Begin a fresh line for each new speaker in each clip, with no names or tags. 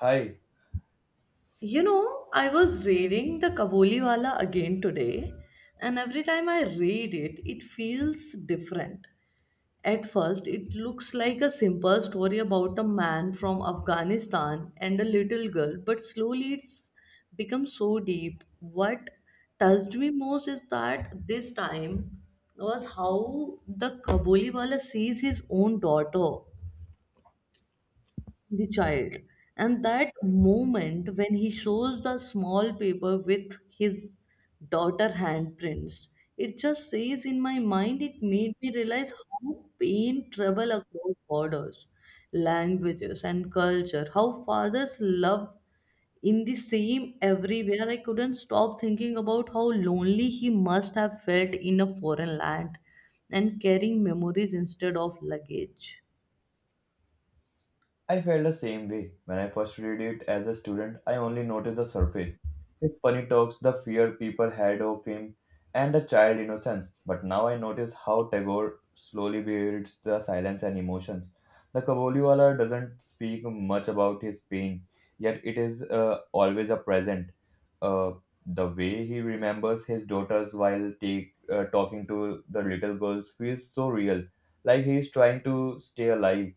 Hi,
I was reading the Kabuliwala again today, and every time I read it, it feels different. At first, it looks like a simple story about a man from Afghanistan and a little girl, but slowly it's become so deep. What touched me most is that this time was how the Kabuliwala sees his own daughter, the child, and that moment when he shows the small paper with his daughter handprints. It just says in my mind. It made me realize how pain travel across borders, languages and culture, how fathers love in the same everywhere. I couldn't stop thinking about how lonely he must have felt in a foreign land and carrying memories instead of luggage.
I felt the same way. When I first read it as a student, I only noticed the surface. His funny talks, the fear people had of him, and the child innocence. But now I notice how Tagore slowly builds the silence and emotions. The Kaboliwala doesn't speak much about his pain, yet it is always a present. Uh, the way he remembers his daughters while talking to the little girls feels so real, like he is trying to stay alive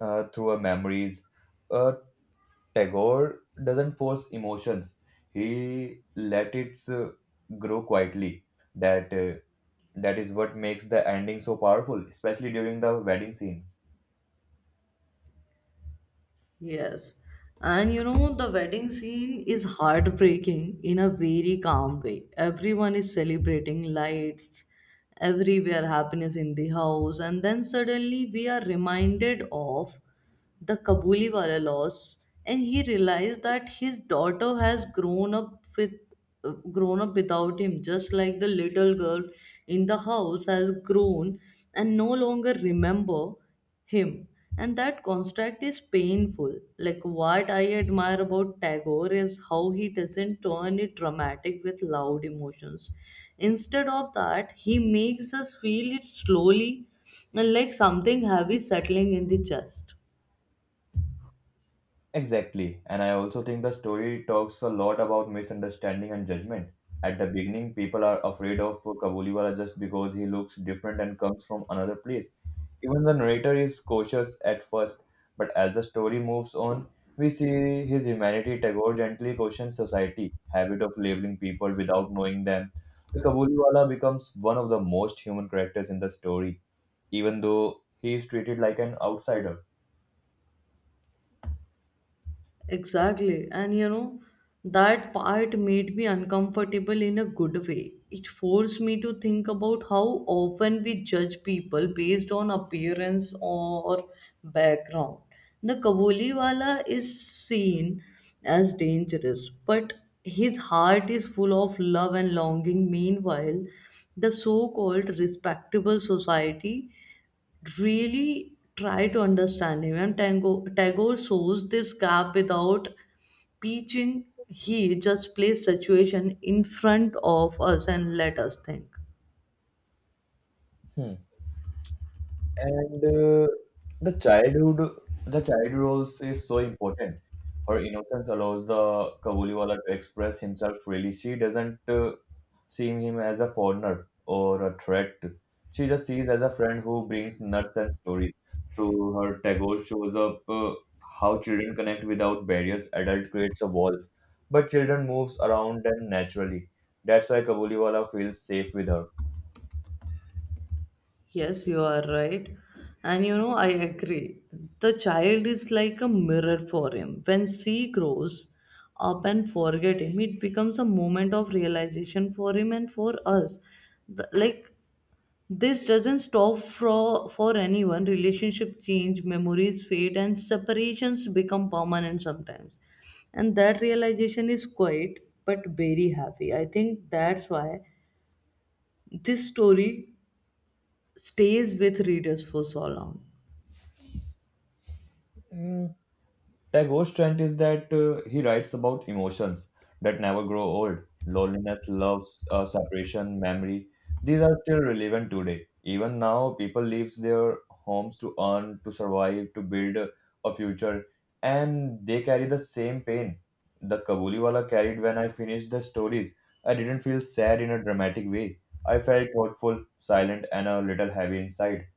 through our memories. Uh, Tagore doesn't force emotions; he let it grow quietly. That uh, that is what makes the ending so powerful, especially during the wedding scene.
Yes. And the wedding scene is heartbreaking in a very calm way. Everyone is celebrating lights, everywhere happiness in the house, and then suddenly we are reminded of the Kabuliwala loss, and he realized that his daughter has grown up with grown up without him, just like the little girl in the house has grown and no longer remember him, and that construct is painful. Like, what I admire about Tagore is how he doesn't turn it dramatic with loud emotions. Instead of that, he makes us feel it slowly, like something heavy settling in the chest.
Exactly. And I also think the story talks a lot about misunderstanding and judgment. At the beginning, people are afraid of Kabuliwala just because he looks different and comes from another place. Even the narrator is cautious at first, but as the story moves on, we see his humanity. Tagore gently questions society, habit of labeling people without knowing them. The Kabuliwala becomes one of the most human characters in the story, even though he is treated like an outsider.
Exactly. And that part made me uncomfortable in a good way. It forced me to think about how often we judge people based on appearance or background. The Kaboliwala is seen as dangerous, but his heart is full of love and longing. Meanwhile, the so called respectable society really try to understand him. And Tagore shows this gap without preaching. He just plays situation in front of us and let us think.
Hmm. And the childhood, the child roles is so important. Her innocence allows the Kabuliwala to express himself freely. She doesn't see him as a foreigner or a threat. She just sees as a friend who brings nuts and stories. Through her tagore shows up how children connect without barriers. Adult creates a walls, but children moves around them naturally. That's why Kabuliwala feels safe with her.
Yes, you are right. And I agree. The child is like a mirror for him. When she grows up and forget him, it becomes a moment of realization for him and for us. The, like This doesn't stop for anyone. Relationship change, memories fade, and separations become permanent sometimes. And that realization is quiet but very happy. I think that's why this story stays with readers for so long.
Mm, Tagore's ghost is that he writes about emotions that never grow old loneliness, love, separation, memory. These are still relevant today. Even now, people leave their homes to earn, to survive, to build a future, and they carry the same pain. The Kabuliwala carried when I finished the stories. I didn't feel sad in a dramatic way. I felt thoughtful, silent, and a little heavy inside.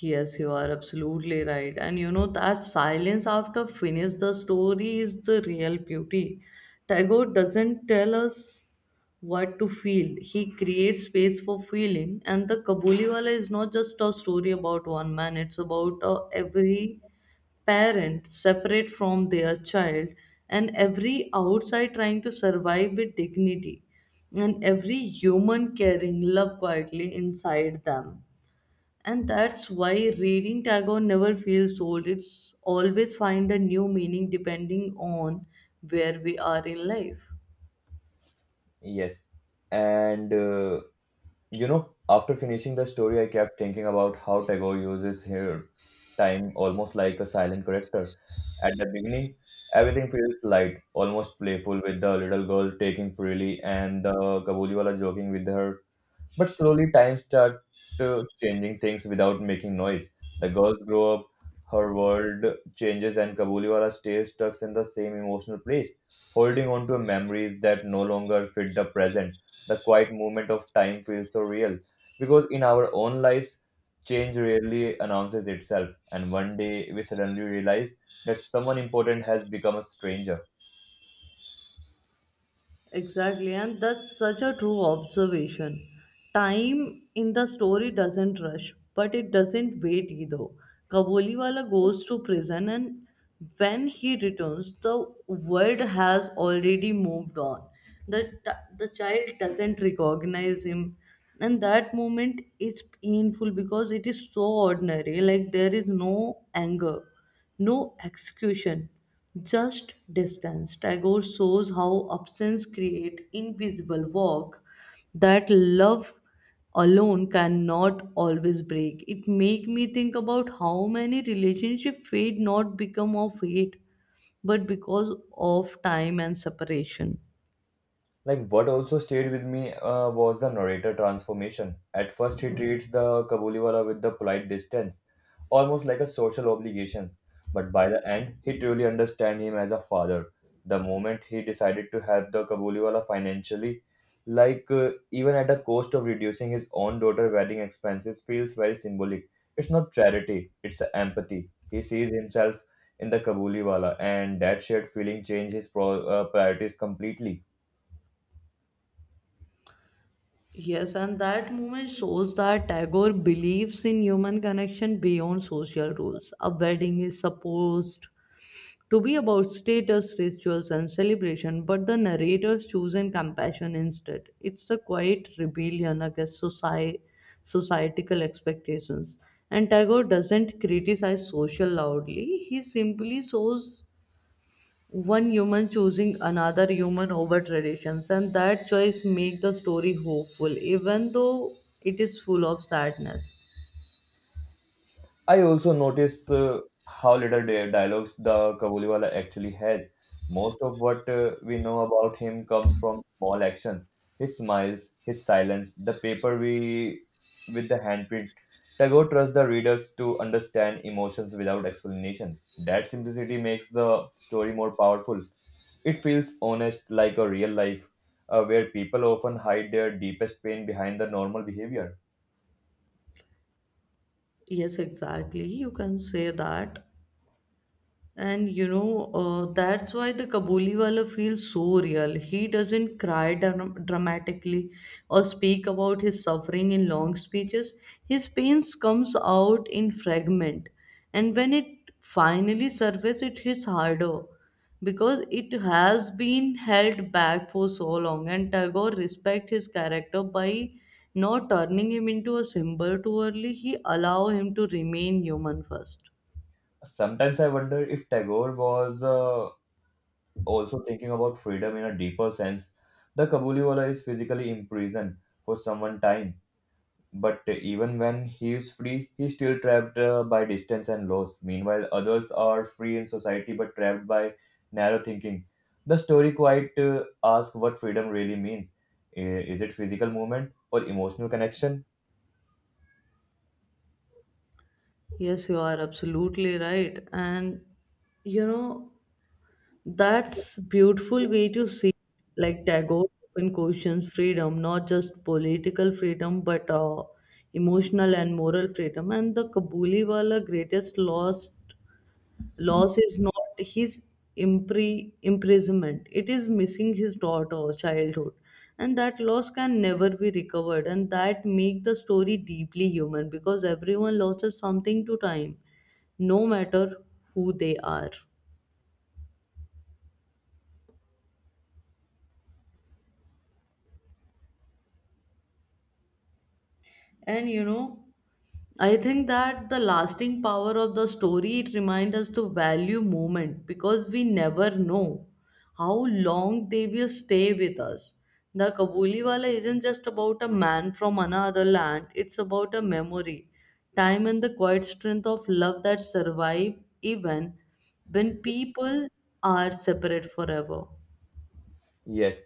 Yes, you are absolutely right. And that silence after finish the story is the real beauty. Tagore doesn't tell us what to feel. He creates space for feeling. And the Kabuliwala is not just a story about one man. It's about every parent separate from their child, and every outside trying to survive with dignity, and every human carrying love quietly inside them. And that's why reading Tagore never feels old. It's always find a new meaning depending on where we are in life.
Yes. And uh, After finishing the story, I kept thinking about how Tagore uses here time almost like a silent character. At the beginning, everything feels light, almost playful, with the little girl taking freely and the Kabuliwala joking with her but slowly, time started changing things without making noise. The girls grow up, her world changes, and Kabuliwala stays stuck in the same emotional place, holding on to memories that no longer fit the present. The quiet movement of time feels so real because in our own lives, change rarely announces itself, and one day we suddenly realize that someone important has become a stranger.
Exactly, and that's such a true observation. Time in the story doesn't rush, but it doesn't wait either. Kaboliwala goes to prison, and when he returns, the world has already moved on. The, the child doesn't recognize him, and that moment is painful because it is so ordinary. Like, there is no anger, no execution, just distance. Tagore shows how absence creates invisible walk that love alone cannot always break. It make me think about how many relationship fade not become of hate, but because of time and separation.
Like what also stayed with me was the narrator transformation. At first, he treats the Kabuliwala with the polite distance, almost like a social obligation. But by the end, he truly understands him as a father. The moment he decided to help the Kabuliwala financially, even at the cost of reducing his own daughter's wedding expenses, feels very symbolic. It's not charity; it's empathy. He sees himself in the Kabuliwala, and that shared feeling changed his priorities completely.
Yes, and that moment shows that Tagore believes in human connection beyond social rules. A wedding is supposed to be about status, rituals, and celebration, but the narrator's chosen compassion instead. It's a quiet rebellion against societal expectations. And Tagore doesn't criticize social loudly, he simply shows one human choosing another human over traditions, and that choice makes the story hopeful, even though it is full of sadness.
I also notice how little dialogues the Kabuliwala actually has. Most of what we know about him comes from small actions. His smiles, his silence, the paper we with the handprint. Tagore trusts the readers to understand emotions without explanation. That simplicity makes the story more powerful. It feels honest, like a real life, where people often hide their deepest pain behind the normal behavior.
Yes, exactly. You can say that. And that's why the Kabuliwala feels so real. He doesn't cry dramatically or speak about his suffering in long speeches. His pains comes out in fragment, and when it finally surfaces, it hits harder because it has been held back for so long. And Tagore respect his character by not turning him into a symbol too early. He allow him to remain human first.
Sometimes I wonder if Tagore was also thinking about freedom in a deeper sense, the Kabuliwala is physically imprisoned for some time, but even when he is free, he is still trapped by distance and loss. Meanwhile, others are free in society but trapped by narrow thinking. The story quite asks what freedom really means. Is it physical movement or emotional connection?
Yes, you are absolutely right. And you know, that's beautiful way to see like Tagore often questions freedom, not just political freedom, but emotional and moral freedom. And the Kabuliwala greatest loss is not his imprisonment, it is missing his daughter or childhood. And that loss can never be recovered, and that make the story deeply human because everyone loses something to time, no matter who they are. And I think that the lasting power of the story it reminds us to value moment because we never know how long they will stay with us. The Kabuliwala isn't just about a man from another land; it's about a memory, time, and the quiet strength of love that survive even when people are separate forever.
Yes.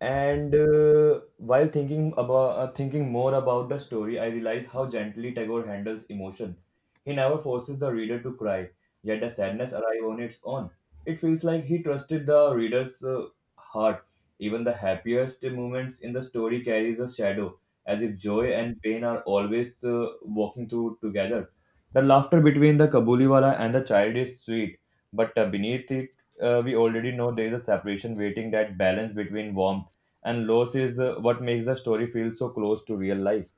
And while thinking about thinking more about the story, I realize how gently Tagore handles emotion. He never forces the reader to cry, yet the sadness arrives on its own. It feels like he trusted the reader's heart. Even the happiest moments in the story carries a shadow, as if joy and pain are always walking through together. The laughter between the Kabuliwala and the child is sweet, but beneath it, we already know there is a separation waiting. That balance between warmth and loss is what makes the story feel so close to real life.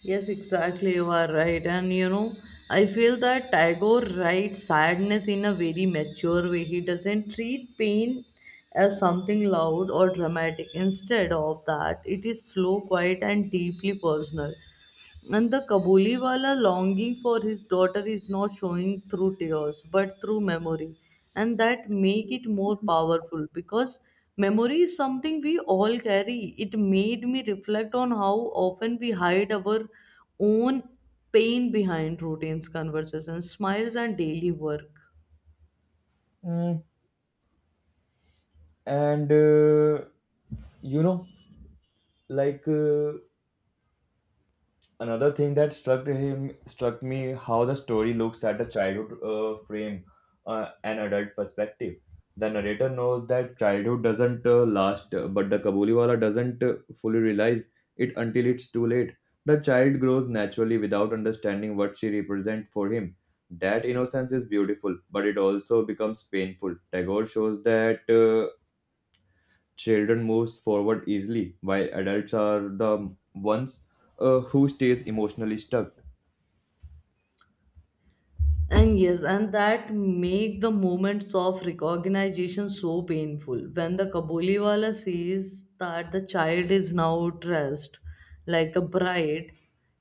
Yes, exactly. You are right. And I feel that Tagore writes sadness in a very mature way. He doesn't treat pain as something loud or dramatic. Instead of that, it is slow, quiet, and deeply personal. And the Kabuliwala longing for his daughter is not showing through tears but through memory. And that make it more powerful because memory is something we all carry. It made me reflect on how often we hide our own pain behind routines, conversations, smiles and daily work.
Mm, and you know like Another thing that struck me how the story looks at a childhood frame an adult perspective. The narrator knows that childhood doesn't last but the kabuliwala doesn't fully realize it until it's too late. The child grows naturally without understanding what she represents for him. That innocence is beautiful but it also becomes painful. Tagore shows that children moves forward easily while adults are the ones who stays emotionally stuck.
And yes, and that make the moments of recognition so painful. When the Kaboliwala sees that the child is now dressed like a bride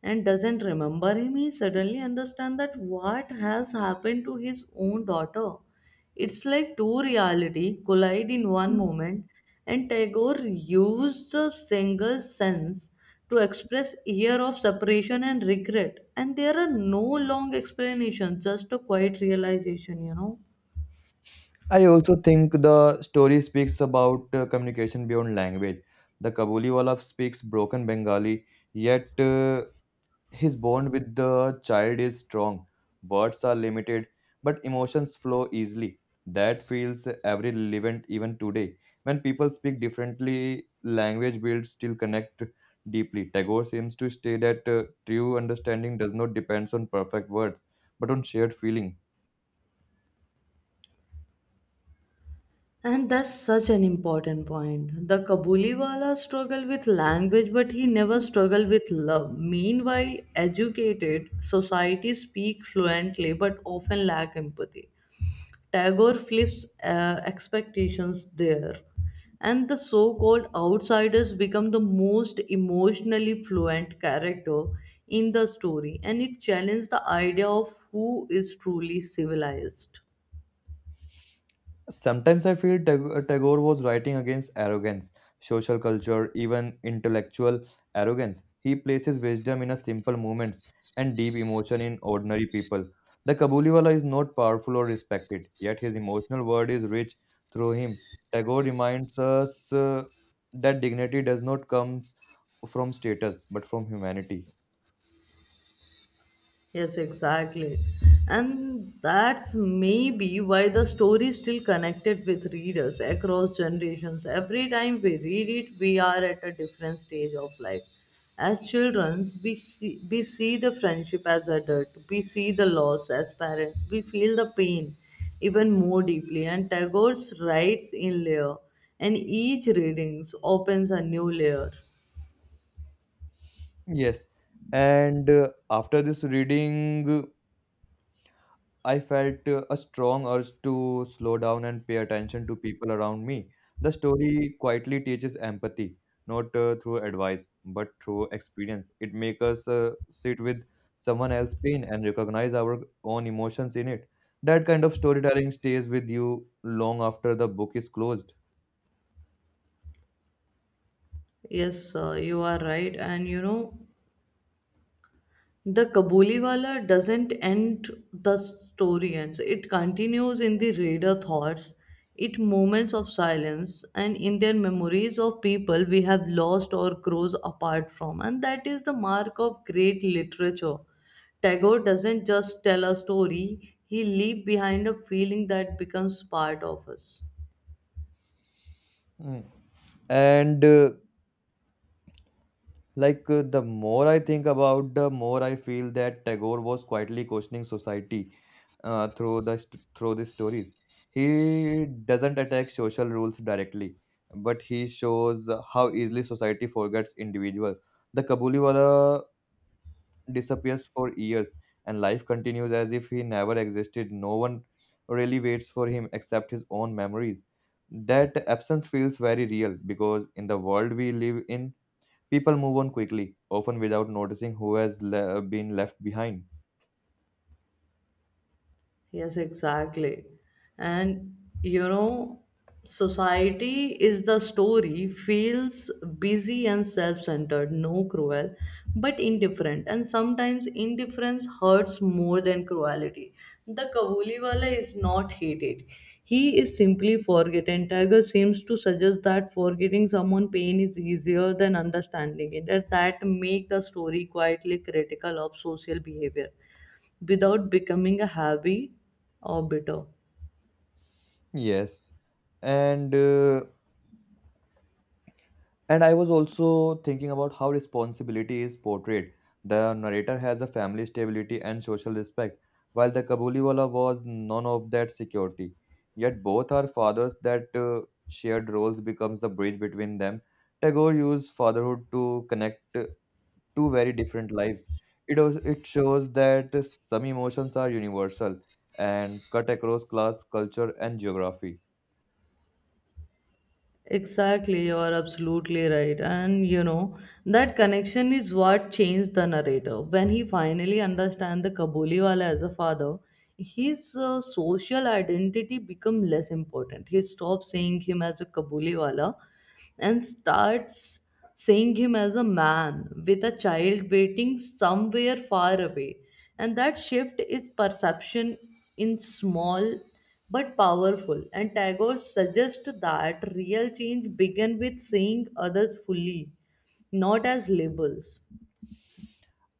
and doesn't remember him, he suddenly understands that what has happened to his own daughter. It's like two reality collide in one moment, and Tagore used the single sense to express year of separation and regret. And there are no long explanations, just a quiet realization.
I also think the story speaks about communication beyond language. The Kabuliwala speaks broken Bengali, yet his bond with the child is strong. Words are limited, but emotions flow easily. That feels every relevant even today. When people speak differently, language builds still connect deeply. Tagore seems to state that true understanding does not depend on perfect words, but on shared feeling.
And that's such an important point. The Kabuliwala struggled with language, but he never struggled with love. Meanwhile, educated societies speak fluently but often lack empathy. Tagore flips expectations there, and the so called outsiders become the most emotionally fluent character in the story, and it challenges the idea of who is truly civilized.
Sometimes I feel Tagore was writing against arrogance, social culture, even intellectual arrogance. He places wisdom in a simple moments and deep emotion in ordinary people. The Kabuliwala is not powerful or respected, yet his emotional world is rich through him. Tagore reminds us that dignity does not come from status but from humanity.
Yes, exactly. And that's maybe why the story is still connected with readers across generations. Every time we read it, we are at a different stage of life. As children, we see the friendship as adult, we see the loss as parents, we feel the pain even more deeply. And Tagore's writes in layer, and each reading opens a new layer.
Yes, and after this reading. I felt a strong urge to slow down and pay attention to people around me. The story quietly teaches empathy, not through advice, but through experience. It makes us sit with someone else's pain and recognize our own emotions in it. That kind of storytelling stays with you long after the book is closed.
Yes, sir, you are right. And the Kabuliwala doesn't end the story ends. It continues in the reader thoughts, it moments of silence, and in their memories of people we have lost or grows apart from. And that is the mark of great literature. Tagore doesn't just tell a story, he leaves behind a feeling that becomes part of us.
Mm. And Like The more I think about, the more I feel that Tagore was quietly questioning society through the stories. He doesn't attack social rules directly, but he shows how easily society forgets individual. The Kabuliwala disappears for years, and life continues as if he never existed. No one really waits for him except his own memories. That absence feels very real because in the world we live in people move on quickly, often without noticing who has been left behind.
Yes, exactly. And you know, society is the story, feels busy and self centered, no cruel, but indifferent. And sometimes indifference hurts more than cruelty. The Kabuliwala is not hated. He is simply forgotten. Tiger seems to suggest that forgetting someone pain is easier than understanding it, and that make the story quietly critical of social behavior without becoming a heavy or bitter.
Yes, and uh, and I was also thinking about how responsibility is portrayed. The narrator has a family stability and social respect, while the Kabuliwala was none of that security. Yet both are fathers that shared roles becomes the bridge between them. Tagore used fatherhood to connect two very different lives. It shows that some emotions are universal and cut across class, culture, and geography.
Exactly, you are absolutely right. And that connection is what changed the narrator. When he finally understands the Kabuliwala as a father, his social identity become less important. He stopped seeing him as a Kabuliwala and starts seeing him as a man with a child waiting somewhere far away. And that shift is perception in small but powerful. And Tagore suggests that real change begins with seeing others fully, not as labels.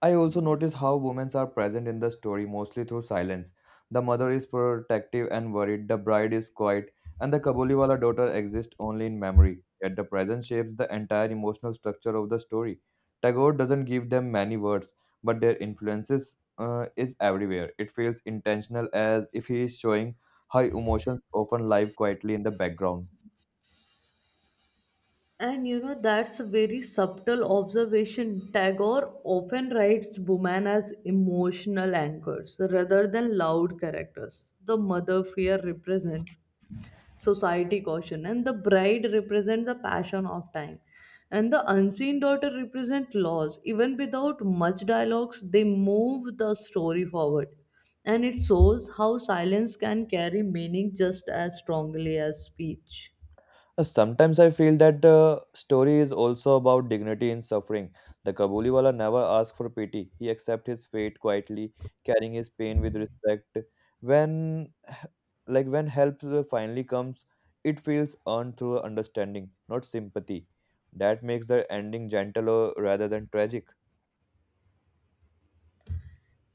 I also notice how women are present in the story mostly through silence. The mother is protective and worried, the bride is quiet, and the Kabuliwala daughter exists only in memory. Yet the presence shapes the entire emotional structure of the story. Tagore doesn't give them many words, but their influences is everywhere. It feels intentional as if he is showing how emotions often live quietly in the background.
And that's a very subtle observation. Tagore often writes women as emotional anchors rather than loud characters. The mother fear represent society caution, and the bride represent the passion of time. And the unseen daughter represent laws. Even without much dialogues, they move the story forward. And it shows how silence can carry meaning just as strongly as speech.
Sometimes I feel that the story is also about dignity in suffering. The Kabuliwala never asked for pity. He accepted his fate quietly, carrying his pain with respect. When, when help finally comes, it feels earned through understanding, not sympathy. That makes the ending gentler rather than tragic.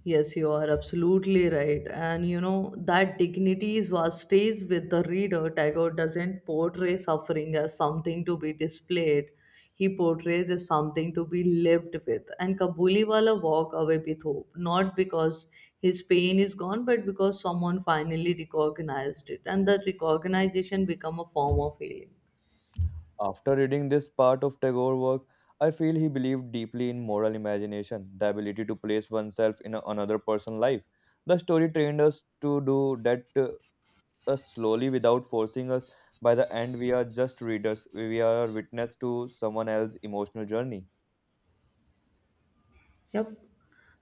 Yes, you are absolutely right. And that dignity is what stays with the reader. Tagore doesn't portray suffering as something to be displayed, he portrays as something to be lived with. And Kabuliwala walk away with hope, not because his pain is gone, but because someone finally recognized it. And that recognition become a form of healing.
After reading this part of Tagore's work, I feel he believed deeply in moral imagination, the ability to place oneself in another person's life. The story trained us to do that slowly without forcing us. By the end, we are just readers, we are witness to someone else's emotional journey.
Yep.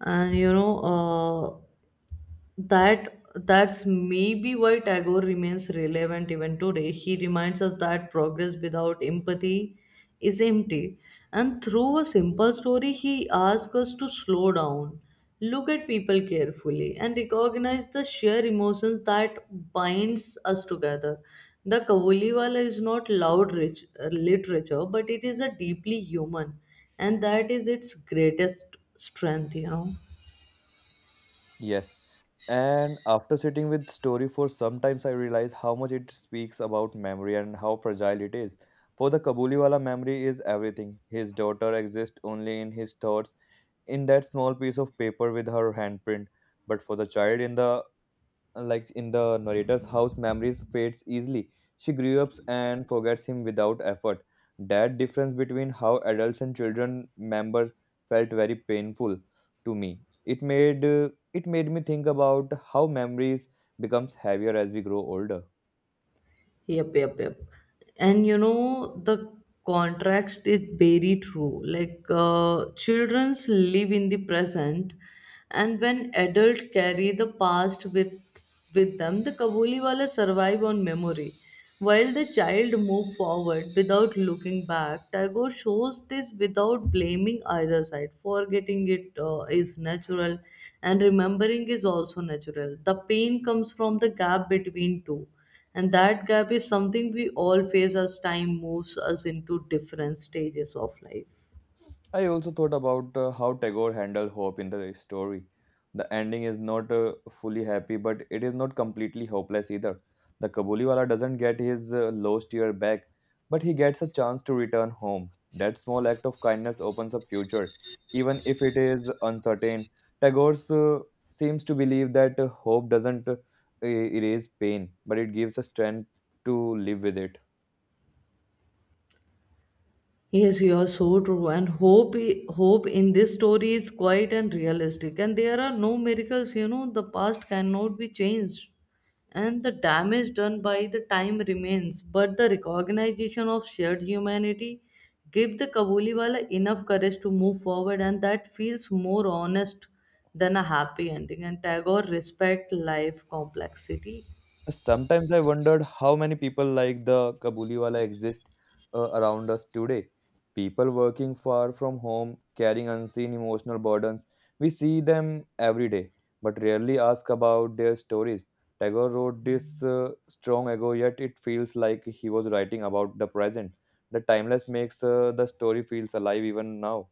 And that's maybe why Tagore remains relevant even today. He reminds us that progress without empathy is empty. And through a simple story, he asks us to slow down, look at people carefully, and recognize the sheer emotions that binds us together. The Kabuliwala is not loud rich, literature, but it is a deeply human, and that is its greatest strength.
Yes. And after sitting with story for some times, I realize how much it speaks about memory and how fragile it is. For the Kabuliwala, memory is everything. His daughter exists only in his thoughts in that small piece of paper with her handprint, but for the child in the narrator's house, memories fades easily. She grew up and forgets him without effort. That difference between how adults and children member felt very painful to me. It made me think about how memories becomes heavier as we grow older.
Yep, yep, yep. And the contrast is very true. Childrens live in the present, and when adults carry the past with them, the Kabuli wala survive on memory. While the child moves forward without looking back, Tagore shows this without blaming either side. Forgetting it is natural, and remembering is also natural. The pain comes from the gap between two, and that gap is something we all face as time moves us into different stages of life.
I also thought about how Tagore handled hope in the story. The ending is not fully happy, but it is not completely hopeless either. The Kabuliwala doesn't get his lost year back, but he gets a chance to return home. That small act of kindness opens up future, even if it is uncertain. Tagore seems to believe that hope doesn't erase pain, but it gives us strength to live with it.
Yes, you are so true. And hope in this story is quiet and realistic. And there are no miracles. You know, the past cannot be changed, and the damage done by the time remains. But the recognition of shared humanity give the Kabuliwala enough courage to move forward, and that feels more honest than a happy ending. And Tagore respect life complexity.
Sometimes I wondered how many people like the Kabuliwala exist around us today. People working far from home, carrying unseen emotional burdens. We see them every day, but rarely ask about their stories. Tagore wrote this strong ago, yet it feels like he was writing about the present. The timeless makes the story feels alive even now.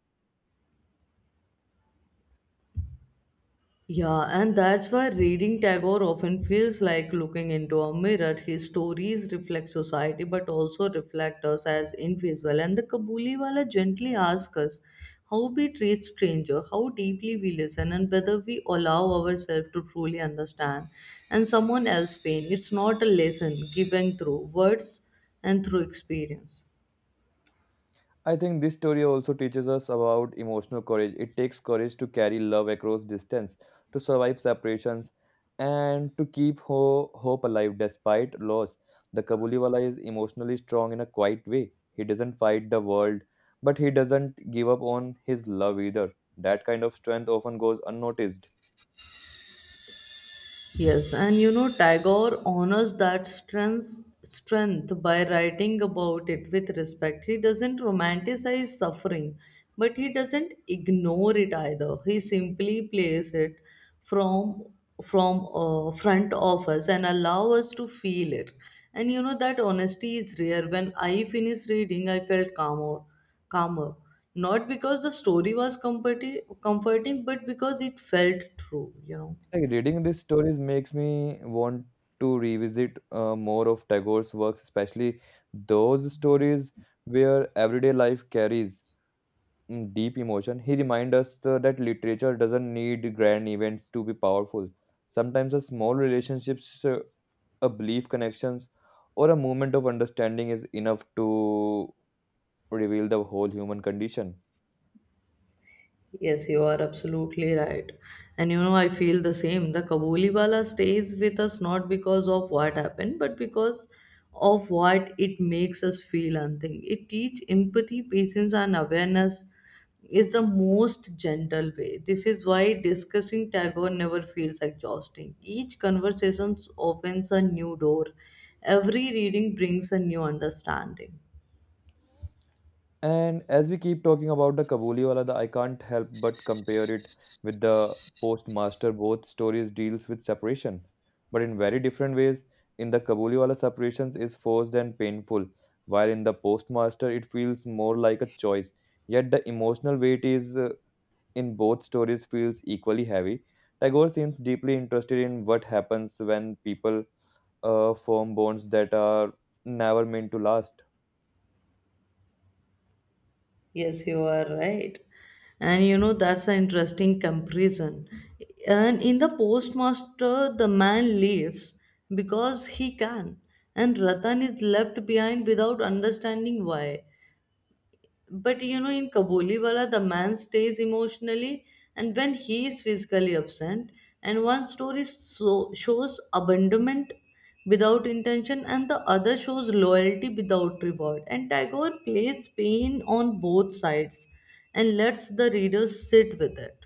Yeah, and that's why reading Tagore often feels like looking into a mirror. His stories reflect society but also reflect us as individual. And the Kabuliwala gently asks us how we treat stranger, how deeply we listen, and whether we allow ourselves to truly understand and someone else's pain. It's not a lesson given through words and through experience.
I think this story also teaches us about emotional courage. It takes courage to carry love across distance, to survive separations, and to keep hope alive despite loss. The Kabuliwala is emotionally strong in a quiet way. He doesn't fight the world, but he doesn't give up on his love either. That kind of strength often goes unnoticed.
Yes, and you know, Tagore honors that strength by writing about it with respect. He doesn't romanticize suffering, but he doesn't ignore it either. He simply plays it from from front of us and allow us to feel it. And you know that honesty is rare. When I finished reading, I felt calmer. Not because the story was comforting, but because it felt true. You know.
Like reading these stories makes me want to revisit more of Tagore's works, especially those stories where everyday life carries deep emotion. He reminds us that literature doesn't need grand events to be powerful. Sometimes a small relationships, a belief connections, or a moment of understanding is enough to reveal the whole human condition.
Yes, you are absolutely right. And you know, I feel the same. The Kabuliwala stays with us not because of what happened, but because of what it makes us feel and think. It teaches empathy, patience, and awareness is the most gentle way. This is why discussing Tagore never feels exhausting. Each conversation opens a new door, every reading brings a new understanding.
And as we keep talking about the Kabuliwala, the I can't help but compare it with the Postmaster. Both stories deals with separation, but in very different ways. In the Kabuliwala, separations is forced and painful, while in the Postmaster, it feels more like a choice. Yet the emotional weight is in both stories feels equally heavy. Tagore seems deeply interested in what happens when people form bonds that are never meant to last.
Yes, you are right. And you know, that's an interesting comparison. And in the postmaster, the man leaves because he can, and Ratan is left behind without understanding why. But you know, in Kabuliwala the man stays emotionally and when he is physically absent, and one story shows abandonment without intention, and the other shows loyalty without reward. And Tagore plays pain on both sides and lets the reader sit with it.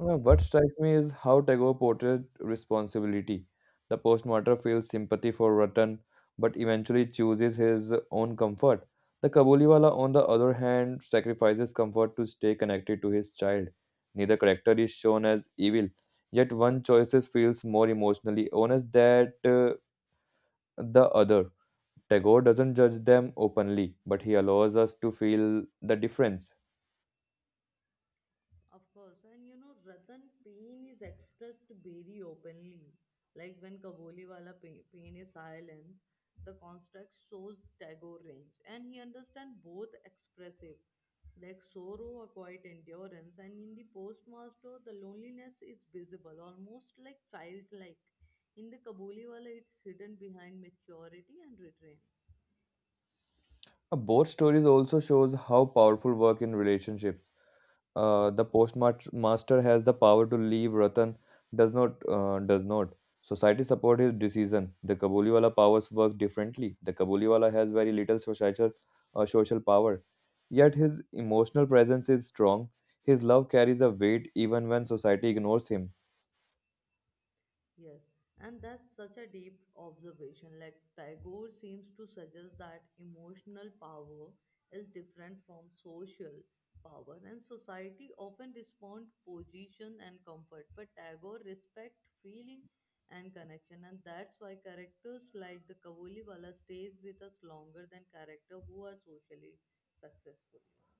Well, what strikes me is how Tagore portrayed responsibility. The postmaster feels sympathy for Ratan, but eventually chooses his own comfort. The Kabuliwala, on the other hand, sacrifices comfort to stay connected to his child. Neither character is shown as evil, yet one choices feels more emotionally honest than the other. Tagore doesn't judge them openly, but he allows us to feel the difference.
Of course, and you know, Ratan pain is expressed very openly. Like when Kaboliwala pain is silent, the construct shows Tagore range, and he understands both expressive, like sorrow, a quiet endurance, and in the postmaster, the loneliness is visible, almost like childlike. In the Kaboliwala, it's hidden behind maturity and retrains.
Both stories also shows how powerful work in relationships, the postmaster has the power to leave Ratan does not. Society support his decision. The Kabuliwala powers work differently. The Kabuliwala has very little social, social power, yet his emotional presence is strong. His love carries a weight even when society ignores him.
Yes, and that's such a deep observation. Like Tagore seems to suggest that emotional power is different from social power, and society often respond to position and comfort. But Tagore respect feeling and connection, and that's why characters like the Kavoliwala stays with us longer than character who are socially successful. You know.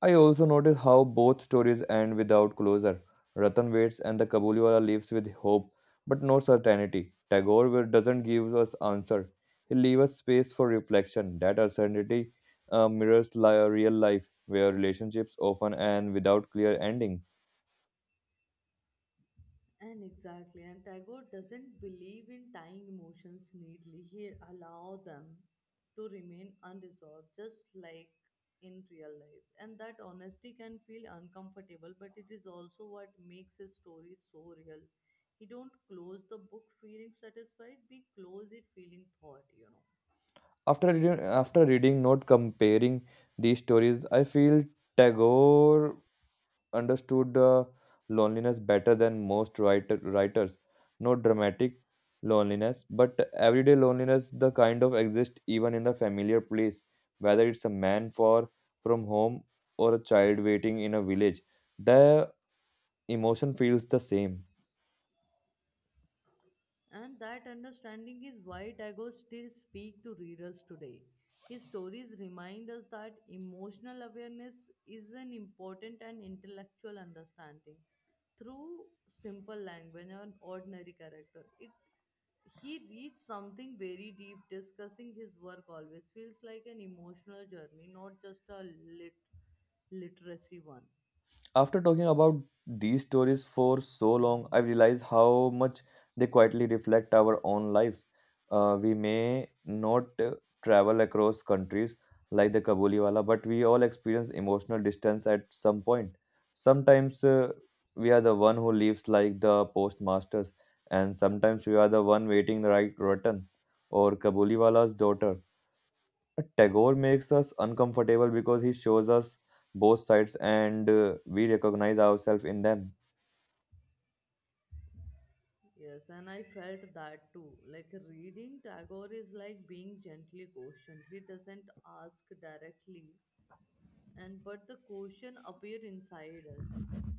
I also notice how both stories end without closure. Ratan waits and the Kabuliwala leaves with hope, but no certainty. Doesn't give us answer. He leaves us space for reflection. That uncertainty mirrors real life, where relationships often end without clear endings.
And exactly, and Tagore doesn't believe in tying emotions neatly. He allow them to remain unresolved, just like in real life. And that honesty can feel uncomfortable, but it is also what makes his story so real. He don't close the book feeling satisfied, we close it feeling thought, you know.
After reading, not comparing these stories, I feel Tagore understood loneliness better than most writers. Not dramatic loneliness, but everyday loneliness, the kind of exists even in the familiar place, whether it's a man for from home or a child waiting in a village. The emotion feels the same.
And that understanding is why Tagore still speaks to readers today. His stories remind us that emotional awareness is an important and intellectual understanding through simple language and ordinary character. It He reads something very deep. Discussing his work always feels like an emotional journey, not just a literacy one.
After talking about these stories for so long, I realize how much they quietly reflect our own lives. We may not travel across countries like the Kabuliwala, but we all experience emotional distance at some point. Sometimes we are the one who leaves like the postmasters, and sometimes we are the one waiting right return or Kabuliwala's daughter. Tagore makes us uncomfortable because he shows us both sides and we recognize ourselves in them.
Yes, and I felt that too. Like reading Tagore is like being gently questioned. He doesn't ask directly, and but the question appear inside us.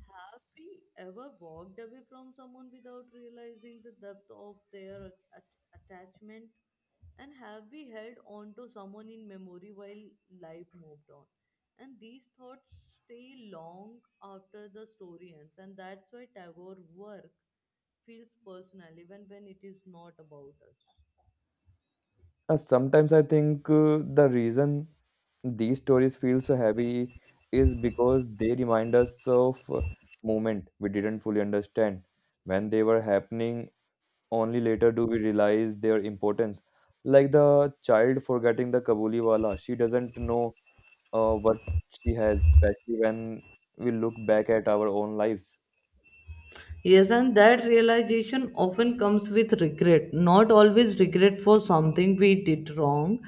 Have we ever walked away from someone without realizing the depth of their attachment, and have we held on to someone in memory while life moved on? And these thoughts stay long after the story ends, and that's why Tagore work feels personal even when it is not about us.
Sometimes I think the reason these stories feel so heavy is because they remind us of moment we didn't fully understand when they were happening. Only later do we realize their importance. Like the child forgetting the Kabuliwala, she doesn't know what she has, especially when we look back at our own lives.
Yes, and that realization often comes with regret. Not always regret for something we did wrong,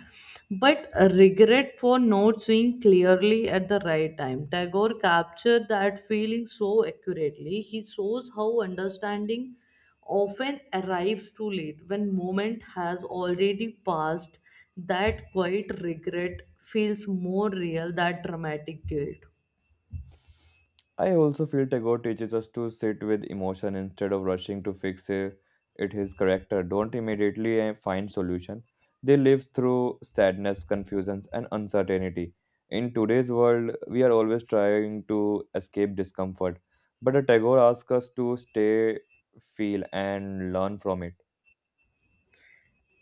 but a regret for not seeing clearly at the right time. Tagore captured that feeling so accurately. He shows how understanding often arrives too late when moment has already passed. That quiet regret feels more real than dramatic guilt.
I also feel Tagore teaches us to sit with emotion instead of rushing to fix it his character. Don't immediately find solution. They live through sadness, confusions, and uncertainty. In today's world, we are always trying to escape discomfort, but a Tagore asks us to stay, feel, and learn from it.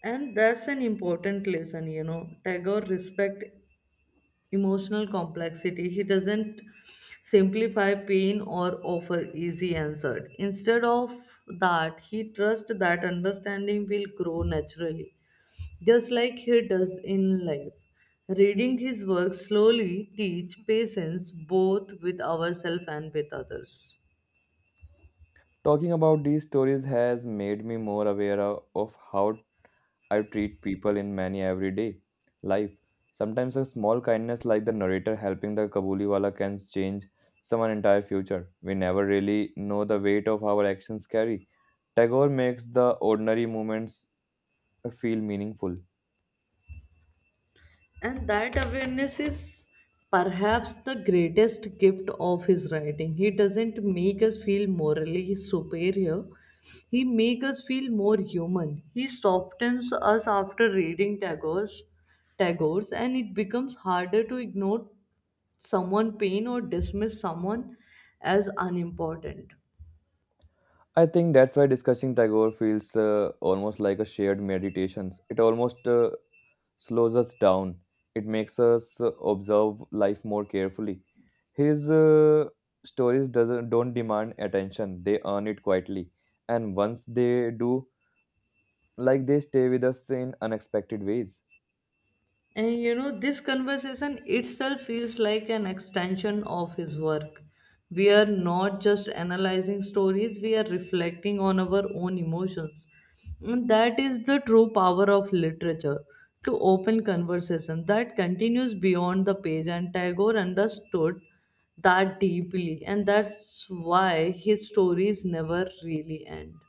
And that's an important lesson. You know, Tagore respect emotional complexity. He doesn't simplify pain or offer easy answers. Instead of that, he trusts that understanding will grow naturally, just like he does in life. Reading his work slowly teach patience both with ourselves and with others.
Talking about these stories has made me more aware of how I treat people in many everyday life. Sometimes a small kindness like the narrator helping the Kabuliwala can change someone's entire future. We never really know the weight of our actions carry. Tagore makes the ordinary moments feel meaningful.
And that awareness is perhaps the greatest gift of his writing. He doesn't make us feel morally superior. He makes us feel more human. He softens us after reading Tagore's, and it becomes harder to ignore someone pain or dismiss someone as unimportant.
I think that's why discussing Tagore feels almost like a shared meditation. It almost slows us down. It makes us observe life more carefully. His stories doesn't don't demand attention; they earn it quietly, and once they do, like they stay with us in unexpected ways.
And you know, this conversation itself feels like an extension of his work. We are not just analyzing stories, we are reflecting on our own emotions. And that is the true power of literature to open conversation that continues beyond the page. And Tagore understood that deeply, and that's why his stories never really end.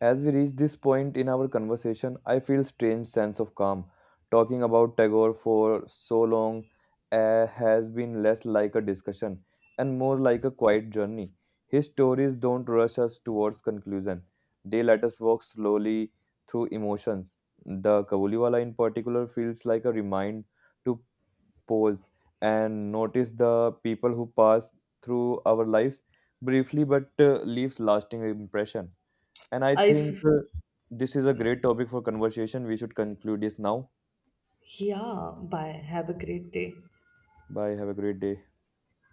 As we reach this point in our conversation, I feel strange sense of calm. Talking about Tagore for so long has been less like a discussion and more like a quiet journey. His stories don't rush us towards conclusion. They let us walk slowly through emotions. The Kabuliwala in particular feels like a remind to pause and notice the people who pass through our lives briefly but leaves lasting impression. And I
I,
think
f-
this is a great topic for conversation. We should conclude this now.
yeah, bye. Have a great day.
Bye. Have a great day.